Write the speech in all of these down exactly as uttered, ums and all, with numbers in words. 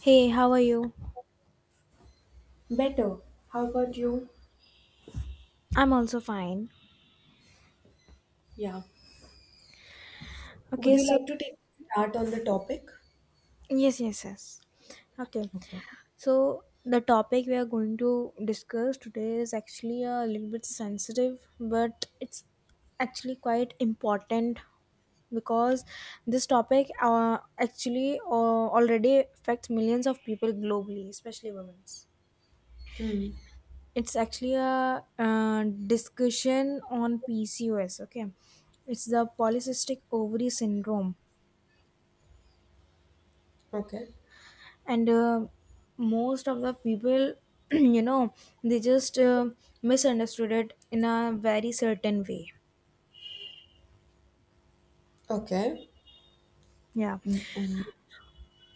Hey, how are you? Better. How about you? I'm also fine. Yeah. Would Okay, you so like to take start on the topic? yes, yes, yes. Okay, Okay. so the topic we are going to discuss today is actually a little bit sensitive, but it's actually quite important because this topic uh, actually uh, already affects millions of people globally, especially women. Hmm. It's actually a uh, discussion on P C O S. Okay, it's the polycystic ovary syndrome, Okay. and uh, most of the people you know they just uh, misunderstood it in a very certain way. Okay. Yeah.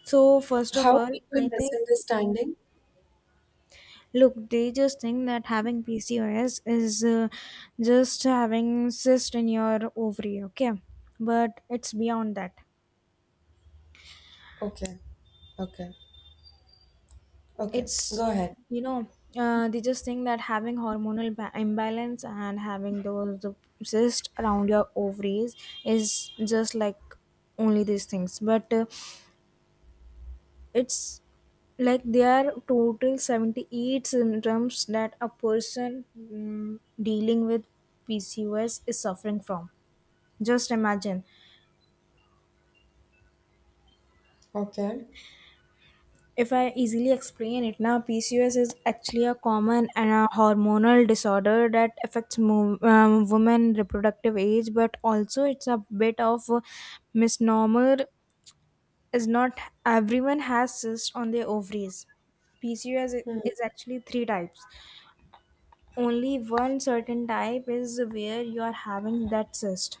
So first of How all, I people think, misunderstanding? look, they just think that having PCOS is uh, just having cyst in your ovary. Okay, but it's beyond that. Okay. Okay. Okay. It's Go ahead. you know uh, They just think that having hormonal ba- imbalance and having those the cyst around your ovaries is just like only these things, but uh, it's like there are total seventy-eight symptoms that a person mm, dealing with PCOS is suffering from. Just imagine. Okay. If I easily explain it now, P C O S is actually a common and a hormonal disorder that affects mo- um, women reproductive age, but also it's a bit of a misnomer. Is not everyone has cysts on their ovaries. P C O S Hmm. is actually three types. Only one certain type is where you are having that cyst.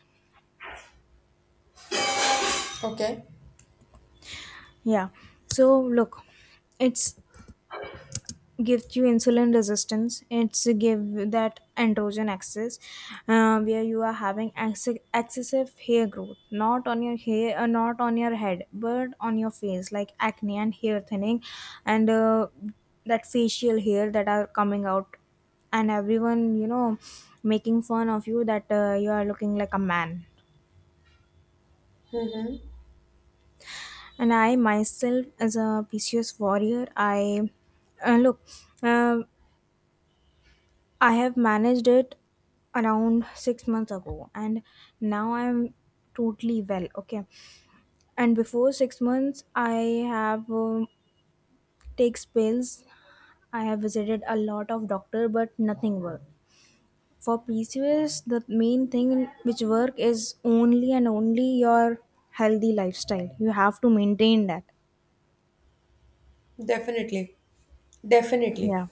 Okay. Yeah. So look, it's gives you insulin resistance, it's give that androgen axis uh, where you are having ex- excessive hair growth, not on your hair, uh, not on your head, but on your face, like acne and hair thinning. And uh, that facial hair that are coming out, and everyone, you know making fun of you that uh, you are looking like a man. Mm-hmm. And I myself, as a PCOS warrior, I, uh, look, Uh, I have managed it around six months ago, and now I'm totally well. Okay, and before six months, I have um, takes pills. I have visited a lot of doctor, but nothing worked. For P C O S, the main thing which work is only and only your healthy lifestyle. You have to maintain that. Definitely. Definitely. Yeah,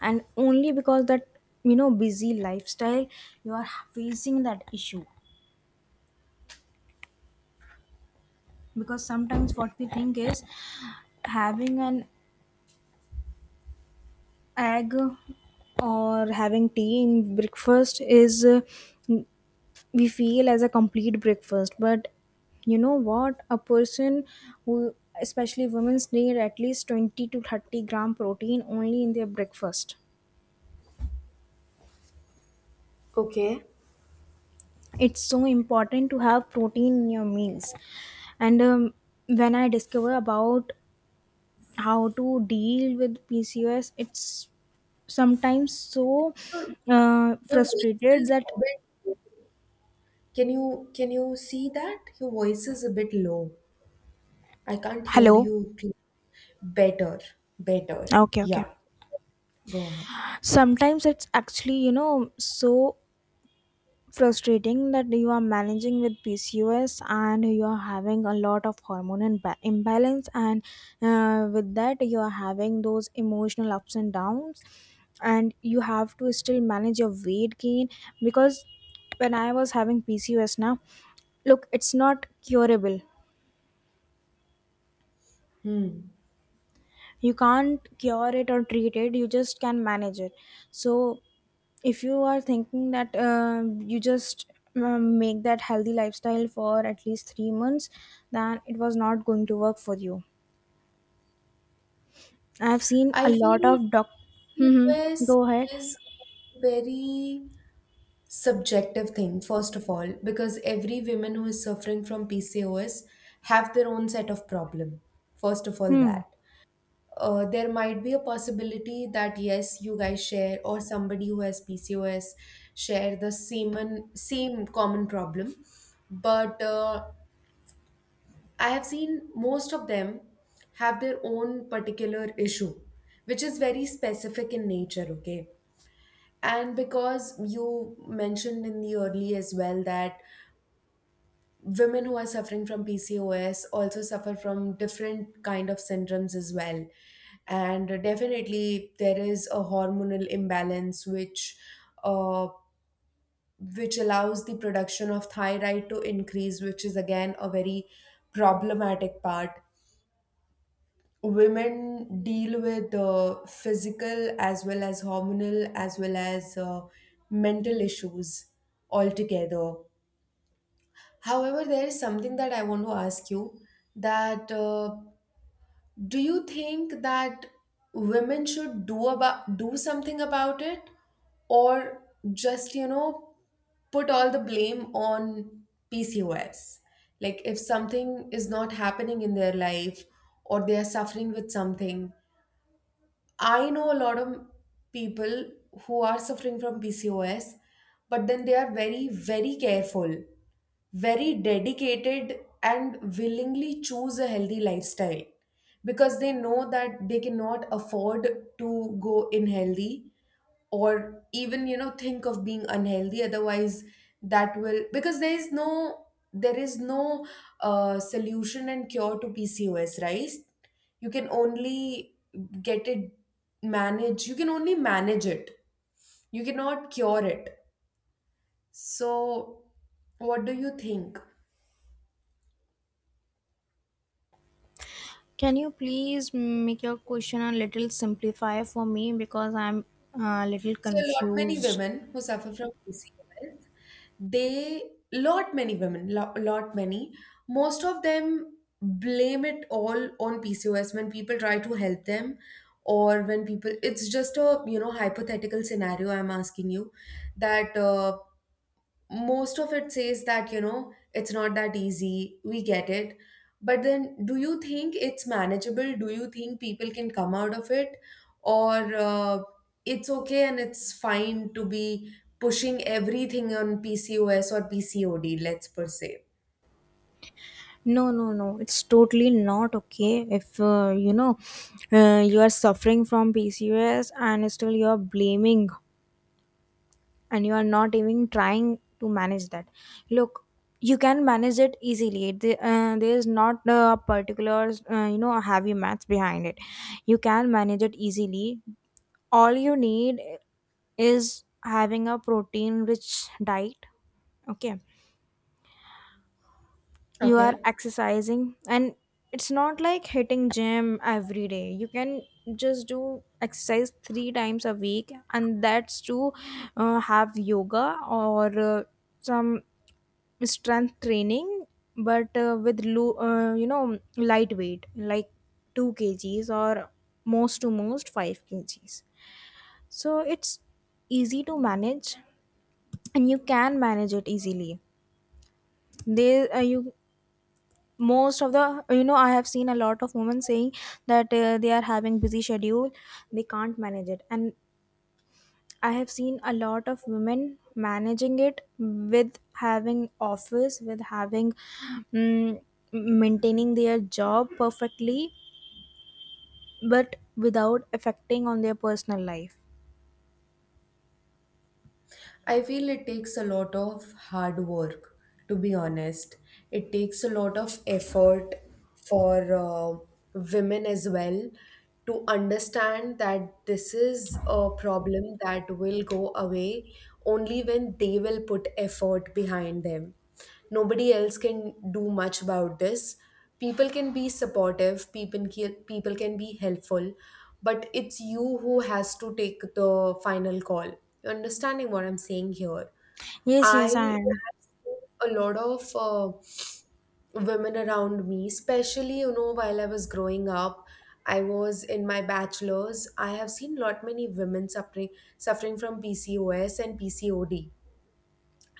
and only because that, you know busy lifestyle, you are facing that issue. Because sometimes what we think is having an egg or having tea in breakfast is, uh, we feel as a complete breakfast, but you know what a person who, especially women, need at least twenty to thirty gram protein only in their breakfast. Okay. It's so important to have protein in your meals. And um, when I discover about how to deal with PCOS, it's sometimes so Sure. uh, Your voice frustrated is that. a bit low. Can you can you see that? Your voice is a bit low. I can't hear Hello. you cle- better. Better. Okay, okay. Yeah. Go ahead. Sometimes it's actually, you know so frustrating that you are managing with PCOS and you are having a lot of hormone imba- imbalance. And uh, with that, you are having those emotional ups and downs, and you have to still manage your weight gain. Because when I was having PCOS now, look, it's not curable. Hmm. You can't cure it or treat it, you just can manage it. So if you are thinking that um you just um, make that healthy lifestyle for at least three months, then it was not going to work for you. I have seen a I lot feel of doc. Hmm. hmm, P C O S Go ahead. is a very subjective thing, first of all, because every woman who is suffering from P C O S have their own set of problem. First of all, Hmm. that. Uh, there might be a possibility that yes, you guys share, or somebody who has P C O S share the same same common problem, but uh, I have seen most of them have their own particular issue, which is very specific in nature, okay? And because you mentioned in the early as well that women who are suffering from P C O S also suffer from different kind of syndromes as well. And definitely there is a hormonal imbalance which uh, which allows the production of thyroid to increase, which is again a very problematic part women deal with uh, physical as well as hormonal as well as uh, mental issues altogether. However, there is something that I want to ask you that uh, do you think that women should do about do something about it or just you know put all the blame on P C O S? Like if something is not happening in their life or they are suffering with something, I know a lot of people who are suffering from P C O S, but then they are very, very careful, very dedicated, and willingly choose a healthy lifestyle because they know that they cannot afford to go unhealthy or even you know think of being unhealthy otherwise that will, because there is no there is no uh, solution and cure to PCOS, right? You can only get it manage you can only manage it, you cannot cure it. So what do you think? Can you please make your question a little simplify for me, because I'm uh, a little So a lot many confused? women who suffer from P C O S, they, lot many women, lo- lot many, most of them blame it all on P C O S when people try to help them, or when people, it's just a you know hypothetical scenario, I'm asking you that uh, most of it says that you know it's not that easy, we get it, but then do you think it's manageable? Do you think people can come out of it, or uh, it's okay and it's fine to be pushing everything on PCOS or PCOD, let's per se. No, no, no. It's totally not okay if uh, you know uh, you are suffering from P C O S and still you are blaming and you are not even trying to manage that. Look, you can manage it easily. The- uh, there is not a particular uh, you know heavy maths behind it. You can manage it easily. All you need is having a protein rich diet. Okay, you are Okay. exercising, and it's not like hitting gym every day. You can just do exercise three times a week, and that's to uh, have yoga or uh, some strength training, but uh, with low, uh, you know lightweight like two kgs or most to most five kgs, so it's easy to manage, and you can manage it easily. They uh, you most of the you know I have seen a lot of women saying that uh, they are having busy schedule, they can't manage it. And I have seen a lot of women managing it, with having office, with having, mm, maintaining their job perfectly, but without affecting on their personal life. I feel it takes a lot of hard work, to be honest. It takes a lot of effort for uh, women as well to understand that this is a problem that will go away only when they will put effort behind them. Nobody else can do much about this. People can be supportive, people can, people can be helpful, but it's you who has to take the final call. You understanding what I'm saying here? Yes, I yes, I am. have seen a lot of uh, women around me, especially you know while I was growing up, I was in my bachelor's. I have seen lot many women suffering suffering from PCOS and PCOD,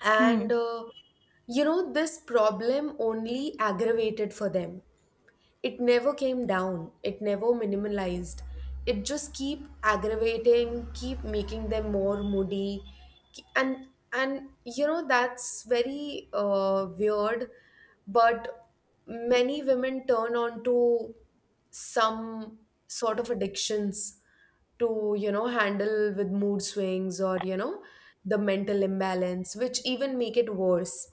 and Hmm. uh, you know this problem only aggravated for them. It never came down, it never minimalized, it just keep aggravating, keep making them more moody. K- and and you know that's very uh, weird, but many women turn on to some sort of addictions to you know handle with mood swings, or you know the mental imbalance, which even make it worse.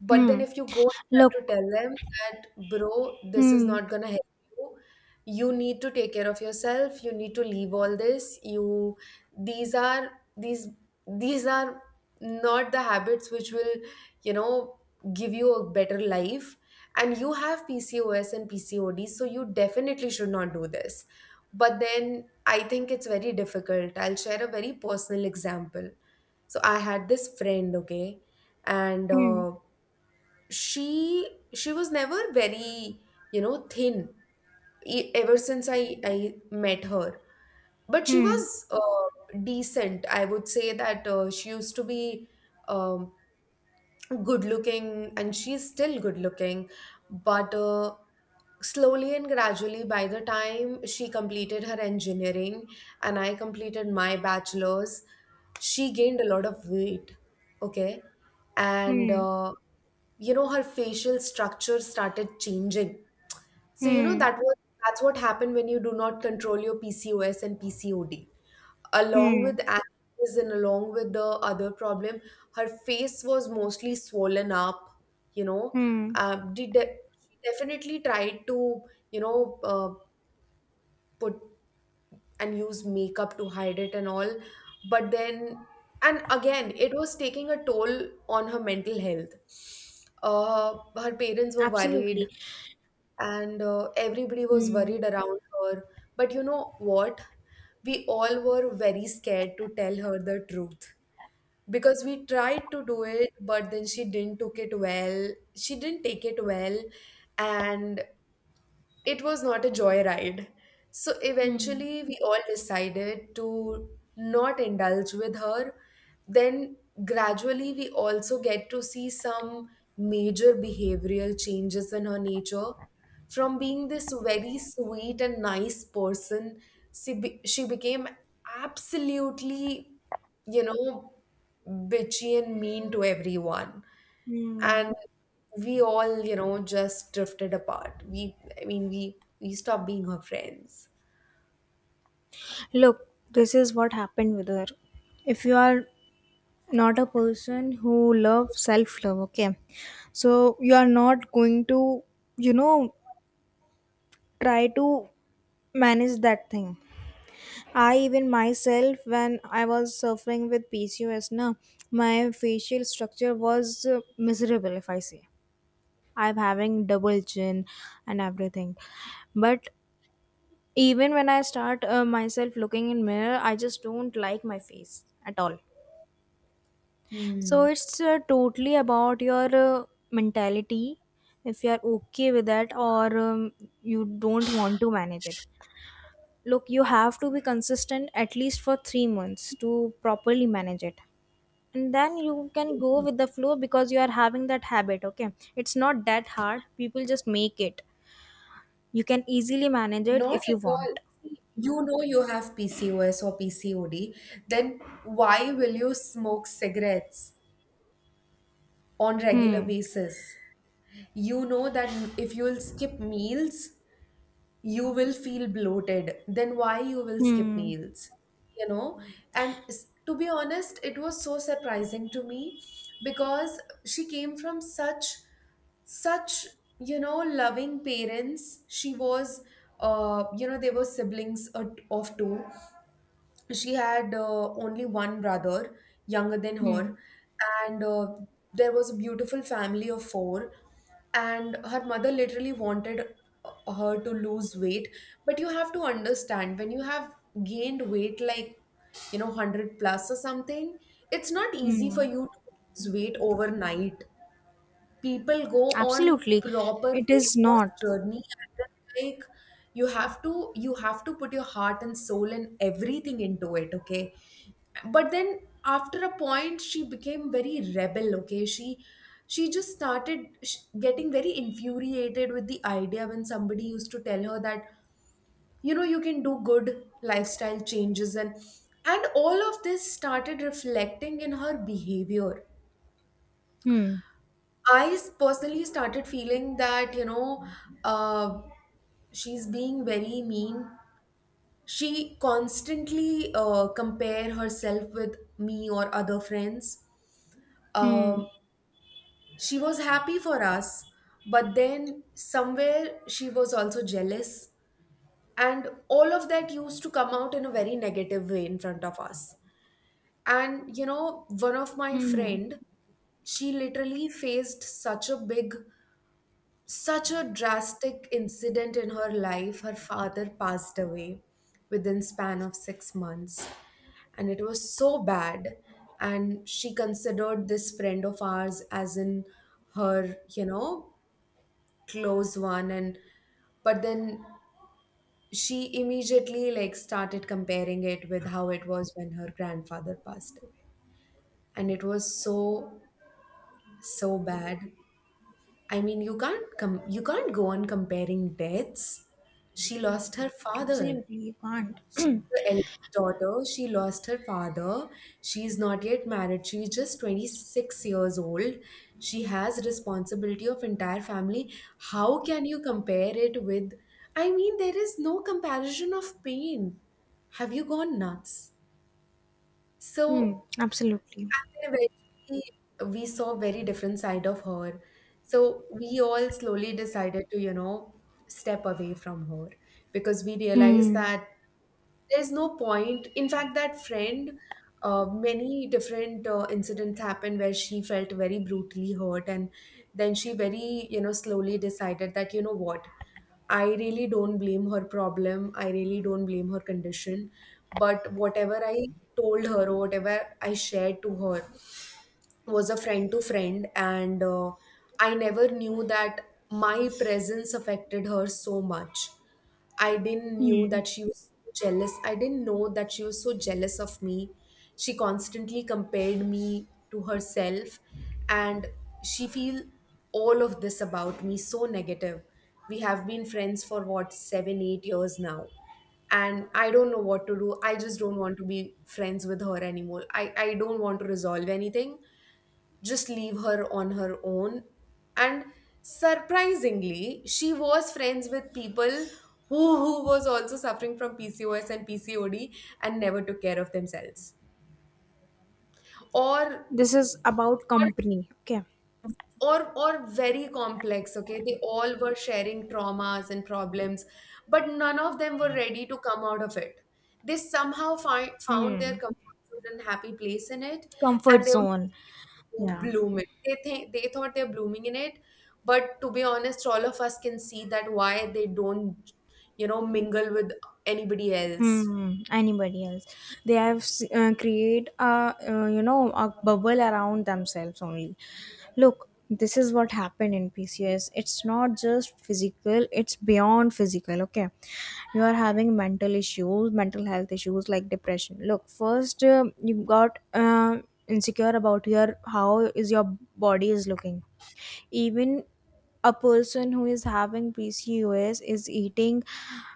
But then Hmm. if you go and try to Look. tell them that, bro, this is Hmm. not gonna help you, you need to take care of yourself, you need to leave all this, you these are these these are not the habits which will, you know, give you a better life. And you have P C O S and P C O D, so you definitely should not do this. But then I think it's very difficult. I'll share a very personal example. So I had this friend, okay, and Hmm. uh, she she was never very you know thin, e- ever since i i met her. But she Hmm. was uh, decent, I would say that uh, she used to be um, good looking, and she's still good looking. But uh, slowly and gradually, by the time she completed her engineering and I completed my bachelor's, she gained a lot of weight, okay. And Hmm. uh, you know, her facial structure started changing. So, you know, Hmm. that was that's what happened when you do not control your P C O S and P C O D. Along Hmm. with acne and along with the other problem, her face was mostly swollen up, you know. Hmm. Um, did de- she definitely tried to, you know, uh, put and use makeup to hide it and all, but then, and again, it was taking a toll on her mental health. Uh, her parents were Absolutely. worried, and uh, everybody was Hmm. worried around her. But you know what? We all were very scared to tell her the truth because we tried to do it, but then she didn't took it well. She didn't take it well, and it was not a joyride. So Hmm. eventually, we all decided to not indulge with her. Then, gradually, we also get to see some major behavioral changes in her nature. From being this very sweet and nice person, she, be- she became absolutely, you know, bitchy and mean to everyone, Hmm. and we all you know just drifted apart. We i mean we we stopped being her friends. Look, this is what happened with her. If you are not a person who loves self love, okay, so you are not going to, you know, try to manage that thing. I even myself, when I was suffering with P C O S, na, my facial structure was uh, miserable. If I say, I'm having double chin and everything, but even when I start uh, myself looking in mirror, I just don't like my face at all. So Hmm. it's uh, totally about your uh, mentality. If you are okay with that, or um, you don't want to manage it. Look, you have to be consistent at least for three months to properly manage it, and then you can go with the flow because you are having that habit. Okay, it's not that hard, people just make it. You can easily manage it Not if you at want. all. See, you know you have P C O S or P C O D, then why will you smoke cigarettes on regular Hmm. basis? You know that if you'll skip meals, you will feel bloated, then why you will skip Hmm. meals? You know, and s- to be honest, it was so surprising to me because she came from such such you know loving parents. She was uh, you know, they were siblings uh, of two. She had uh, only one brother younger than Hmm. her, and uh, there was a beautiful family of four, and her mother literally wanted uh, her to lose weight. But you have to understand, when you have gained weight like you know one hundred plus or something, it's not easy for Hmm. you to lose weight overnight. People go on Absolutely. proper It weight is loss not. journey, and it's like you have to you have to put your heart and soul and everything into it, okay. But then, after a point, she became very rebel, okay. She she just started sh- getting very infuriated with the idea when somebody used to tell her that you know you can do good lifestyle changes, and and all of this started reflecting in her behavior. Hmm. I s- personally started feeling that, you know, uh, she's being very mean. She constantly uh, compare herself with me or other friends. Hmm. Um, she was happy for us, but then somewhere she was also jealous. And all of that used to come out in a very negative way in front of us. And, you know, one of my Hmm. friend, she literally faced such a big such a drastic incident in her life. Her father passed away within span of six months, and it was so bad, and she considered this friend of ours as in her you know close one. And but then she immediately like started comparing it with how it was when her grandfather passed away, and it was so so bad. I mean, you can't come. You can't go on comparing deaths. She lost her Absolutely. father. You can't. She's the eldest daughter. She lost her father. She's not yet married. She's just twenty-six years old. She has responsibility of entire family. How can you compare it with? I mean, there is no comparison of pain. Have you gone nuts? Hmm. So Absolutely. and then eventually we saw very different side of her. So we all slowly decided to, you know, step away from her because we realized Hmm. that there's no point. In fact, that friend, uh, many different uh, incidents happened where she felt very brutally hurt, and then she very, you know, slowly decided that, you know what, I really don't blame her problem. I really don't blame her condition. But whatever I told her or whatever I shared to her was a friend to friend, and uh, I never knew that my presence affected her so much. I didn't knew Hmm. that she was so jealous. I didn't know that she was so jealous of me. She constantly compared me to herself, and she feel all of this about me so negative. We have been friends for what, seven eight years now, and I don't know what to do. I just don't want to be friends with her anymore. I i don't want to resolve anything, just leave her on her own. And surprisingly, she was friends with people who, who was also suffering from P C O S and P C O D and never took care of themselves. Or This is about company. Okay. or or very complex. Okay, they all were sharing traumas and problems, but none of them were ready to come out of it. They somehow find, found their Hmm. comfort zone and happy place in it. Comfort And they were zone. just ready to Yeah. bloom it. They think they thought they're blooming in it. But to be honest, all of us can see that why they don't you know mingle with anybody else. Hmm, anybody else. They have s- uh, create a uh, you know a bubble around themselves only. Look, this is what happened in P C O S. It's not just physical; it's beyond physical. Okay, you are having mental issues, mental health issues like depression. Look, first um you got uh, insecure about your, how is your body is looking. Even a person who is having P C O S is eating,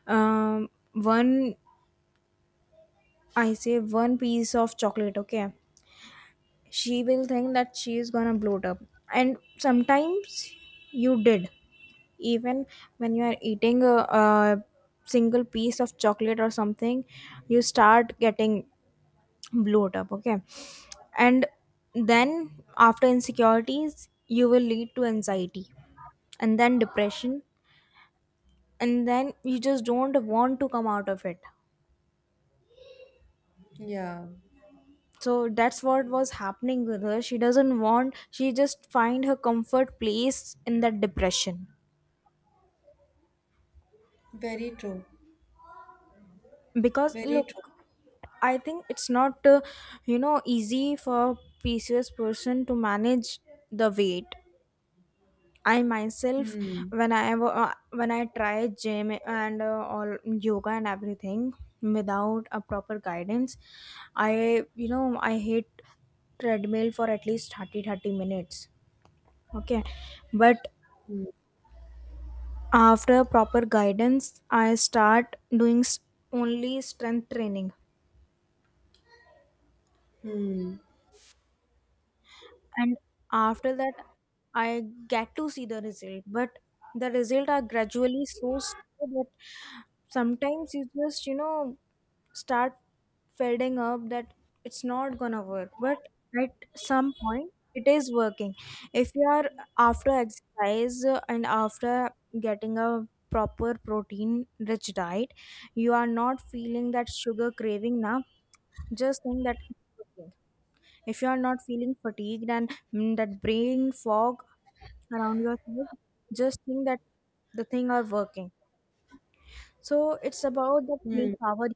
um, one, I say, one piece of chocolate, okay? She will think that she is gonna bloat up. And sometimes you did. Even when you are eating a, a single piece of chocolate or something, you start getting bloat up, okay? And then after insecurities, you will lead to anxiety and then depression, and then you just don't want to come out of it. Yeah, So that's what was happening with her. She doesn't want, she just find her comfort place in that depression. very true. Because, Very look, true. I think it's not uh, you know easy for PCOS person to manage the weight. I myself, when i wa- uh, when I try gym and uh, all yoga and everything without a proper guidance, I you know I hate treadmill for at least thirty thirty minutes. Okay, but after proper guidance, I start doing s- only strength training. And after that, I get to see the result, but the result are gradually so slow that sometimes you just, you know start fading up that it's not gonna work. But at some point, it is working. If you are, after exercise, uh, and after getting a proper protein rich diet, you are not feeling that sugar craving now, just think that it's working. If you are not feeling fatigued and, mm, that brain fog around your head, just think that the thing are working. So it's about that Hmm. willpower.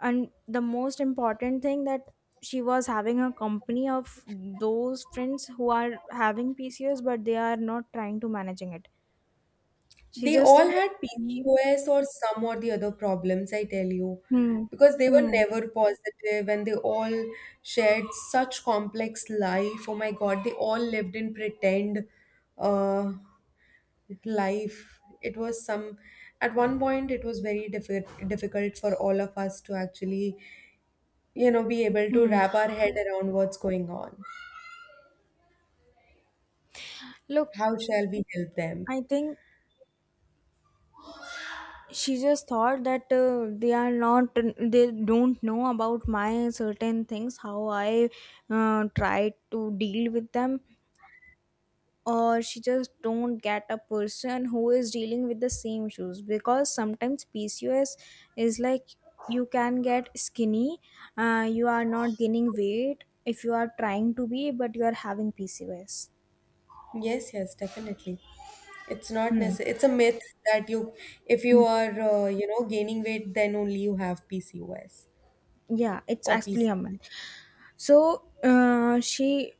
And the most important thing that she was having a company of those friends who are having P C O S, but they are not trying to managing it. She They just all think. had P C O S or some or the other problems, I tell you, Hmm. because they were Hmm. never positive, and they all shared such complex life. Oh my God, they all lived in pretend uh, life. It was some, at one point, it was very diffi- difficult for all of us to actually, you know, be able to Hmm. wrap our head around what's going on. Look, How shall we help them? I think she just thought that uh, they are not, they don't know about my certain things, how I uh, try to deal with them, or she just don't get a person who is dealing with the same issues. Because sometimes PCOS is like, you can get skinny, uh, you are not gaining weight if you are trying to be, but you are having PCOS. Yes, yes, definitely. It's not Hmm. necessary. It's a myth that you, if you are, uh, you know, gaining weight, then only you have P C O S Yeah, it's or actually a P C O D. month. So uh, she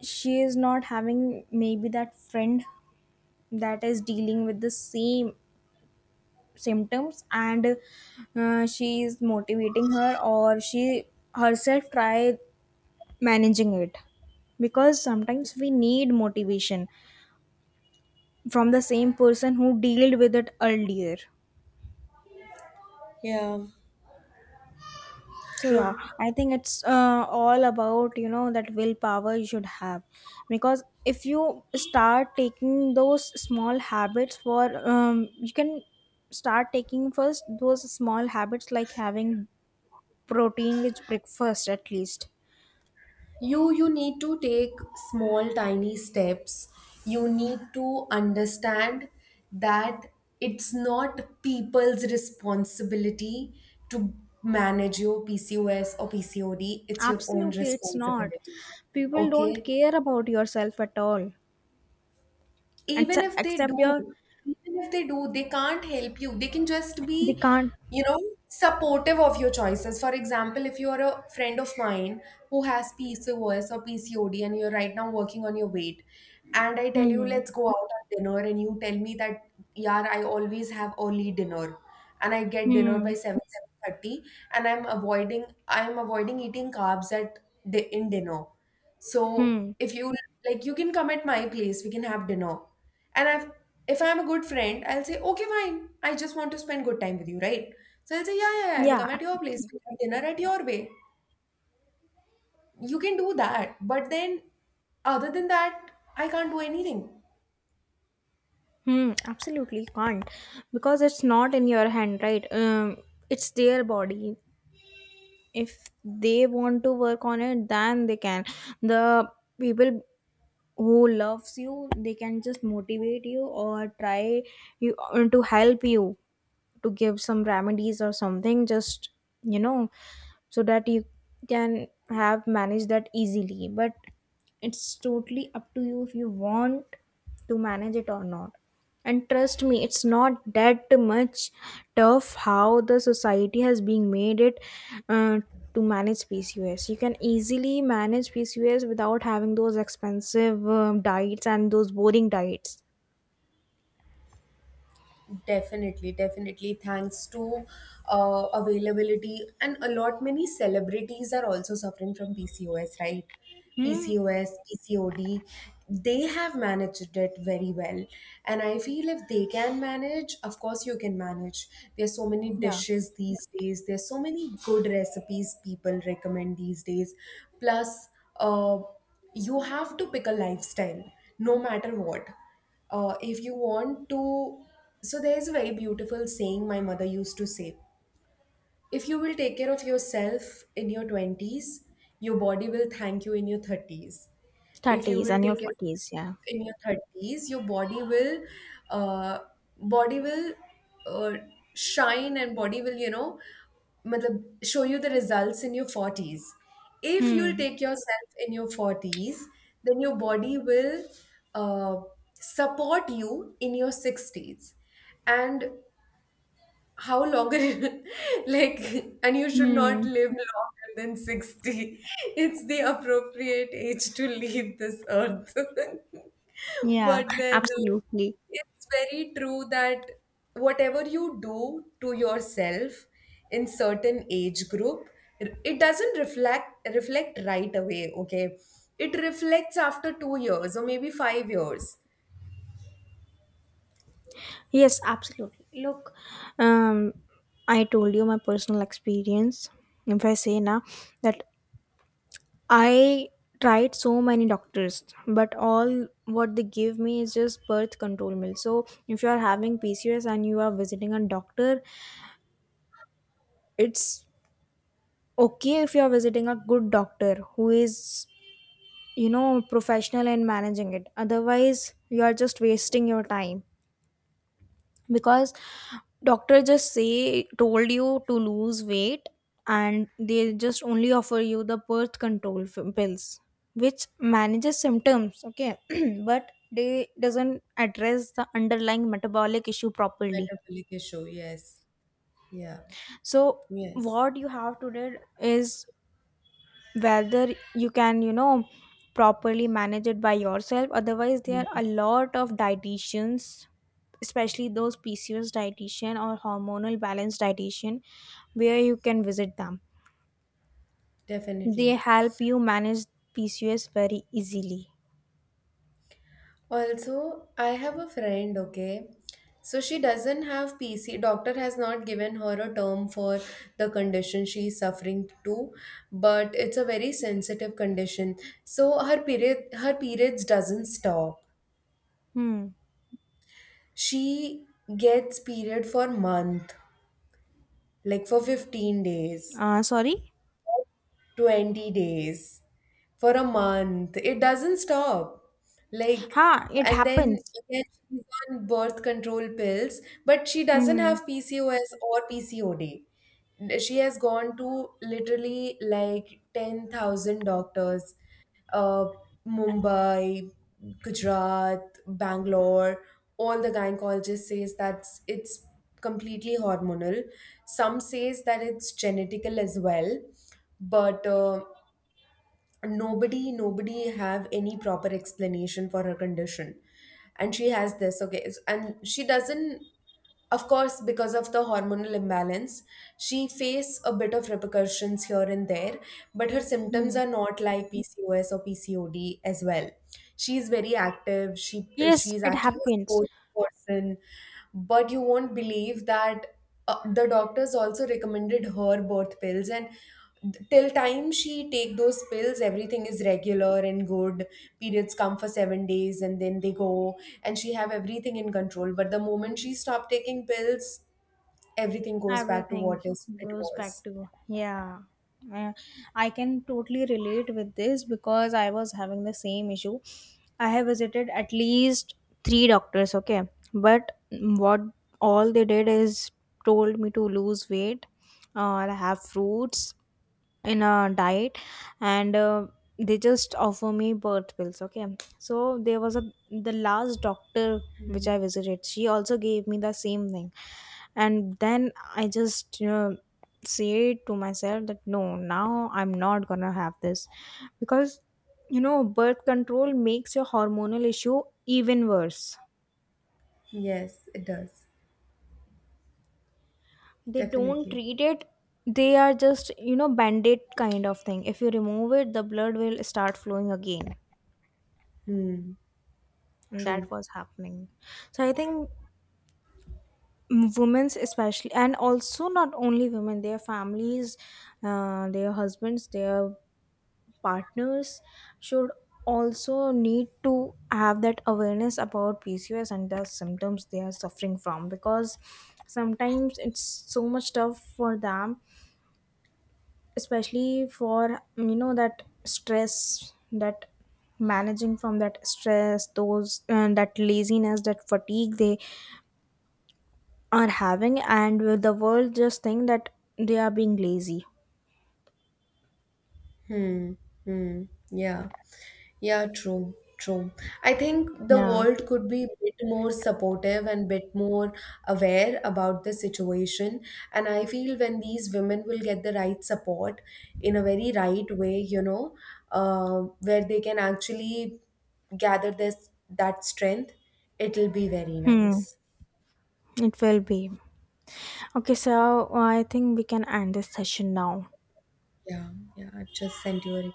she is not having maybe that friend that is dealing with the same symptoms, and uh, she is motivating her, or she herself try managing it, because sometimes we need motivation from the same person who dealt with it earlier. Yeah, So yeah, true. I think it's uh, all about, you know that willpower you should have, because if you start taking those small habits for um, you can start taking first those small habits, like having protein rich breakfast at least. you you need to take small tiny steps. You need to understand that it's not people's responsibility to manage your PCOS or PCOD. It's your own Absolutely, it's not. responsibility. People Okay, don't care about yourself at all, and even so- if they except do your, even if they do they can't help you. They can just be, they can't. you know supportive of your choices. For example, if you are a friend of mine who has PCOS or PCOD, and you're right now working on your weight, and I tell you, Hmm. let's go out on dinner, and you tell me that, yeah, I always have early dinner, and I get dinner Hmm. by seven, seven thirty, and i'm avoiding i'm avoiding eating carbs at di- in dinner. So Hmm. if you like, you can come at my place, we can have dinner. And I've, if I'm a good friend, I'll say, okay, fine, I just want to spend good time with you, right? So I'll say, yeah, yeah, yeah, I'll Yeah. come at your place, Absolutely. we'll have dinner at your way. You can do that. But then, other than that, I can't do anything. Hmm, absolutely can't, because it's not in your hand, right? Um, it's their body. If they want to work on it, then they can. The people who loves you, they can just motivate you, or try you uh, to help you, to give some remedies or something. Just, you know, so that you can have manage that easily, but it's totally up to you if you want to manage it or not. And trust me, it's not that much tough how the society has been made it uh, to manage PCOS. You can easily manage PCOS without having those expensive, um, diets and those boring diets. Definitely, definitely. Thanks to uh, availability, and a lot many celebrities are also suffering from P C O S, right? P C O S, P C O D. They have managed it very well. And I feel if they can manage, of course you can manage. There's so many Yeah. dishes these days. There's so many good recipes people recommend these days. Plus, uh, you have to pick a lifestyle no matter what, uh, if you want to. So there is a very beautiful saying my mother used to say: if you will take care of yourself in your twenties, your body will thank you in your thirties. If you thirties will and your take care of forties. Yeah. yourself in your thirties, your body will, uh, body will uh, shine, and body will, you know, मतलब show you the results in your forties. If you'll Hmm. take yourself in your forties, then your body will uh, support you in your sixties. And how longer like, and you should not Hmm. live longer than sixty. It's the appropriate age to leave this earth. Yeah. But then, uh, Absolutely. it's very true that whatever you do to yourself in certain age group, r- it doesn't reflect reflect right away. Okay, it reflects after two years or maybe five years. Yes, absolutely. Look, um, I told you my personal experience. If I say now that I tried so many doctors, but all what they give me is just birth control pills. So if you are having P C O S and you are visiting a doctor, it's okay if you are visiting a good doctor who is, you know professional in managing it. Otherwise, you are just wasting your time. Because doctor just say told you to lose weight, and they just only offer you the birth control f- pills, which manages symptoms. Okay. But they doesn't address the underlying metabolic issue properly. Metabolic issue, yes. Yeah. So Yes, what you have to do is, whether you can, you know properly manage it by yourself, otherwise there are a lot of dietitians, especially those PCOS dietitian or hormonal balance dietitian, where you can visit them. They definitely. help you manage PCOS very easily. Also, I have a friend, okay? So she doesn't have P C. Doctor has not given her a term for the condition she is suffering to, but it's a very sensitive condition. So her period her periods doesn't stop. Hmm. She gets period for month, like for fifteen days, uh, Sorry. twenty days, for a month. It doesn't stop. Like, Ha, it and then happens. again, she's on birth control pills, but she doesn't Hmm. have P C O S or P C O D. She has gone to literally like ten thousand doctors, uh, Mumbai, Gujarat, Bangalore. All the gynecologist says that it's completely hormonal. Some says that it's genetical as well, but uh, nobody nobody have any proper explanation for her condition. And she has this, okay, s- and she doesn't, of course because of the hormonal imbalance, she face a bit of repercussions here and there, but her symptoms Hmm. are not like PCOS or PCOD as well. She's very active. she Yes, she's it actually a happens. sports person. But you won't believe that uh, the doctors also recommended her birth pills, and th- till time she take those pills, everything is regular and good. Periods come for seven days and then they go, and she have everything in control. But the moment she stopped taking pills, everything goes back to Everything what is it goes back was. to. Yeah. Uh, I can totally relate with this, because I was having the same issue. I have visited at least three doctors, okay, but what all they did is told me to lose weight or have fruits in a diet. And uh, they just offer me birth pills. Okay. So there was a the last doctor which Hmm. I visited, she also gave me the same thing. And then I just, you know say to myself that, no, now I'm not gonna have this, because, you know birth control makes your hormonal issue even worse. Yes, it does. They don't Definitely. treat it, they are just, you know band-aid kind of thing. If you remove it, the blood will start flowing again. Hmm. And that True. was happening. So I think women's, especially, and also not only women, their families, uh, their husbands, their partners, should also need to have that awareness about PCOS and the symptoms they are suffering from. Because sometimes it's so much tough for them, especially for, you know that stress, that managing from that stress those, and that laziness, that fatigue they are having, and will the world just think that they are being lazy. Hmm. Hmm. Yeah. Yeah, true, true. I think the Yeah. world could be a bit more supportive and bit more aware about the situation. And I feel when these women will get the right support in a very right way, you know, uh, where they can actually gather this that strength, it'll be very Hmm. nice. It will be. Okay, so I think we can end this session now. Yeah, yeah. I've just sent you a request.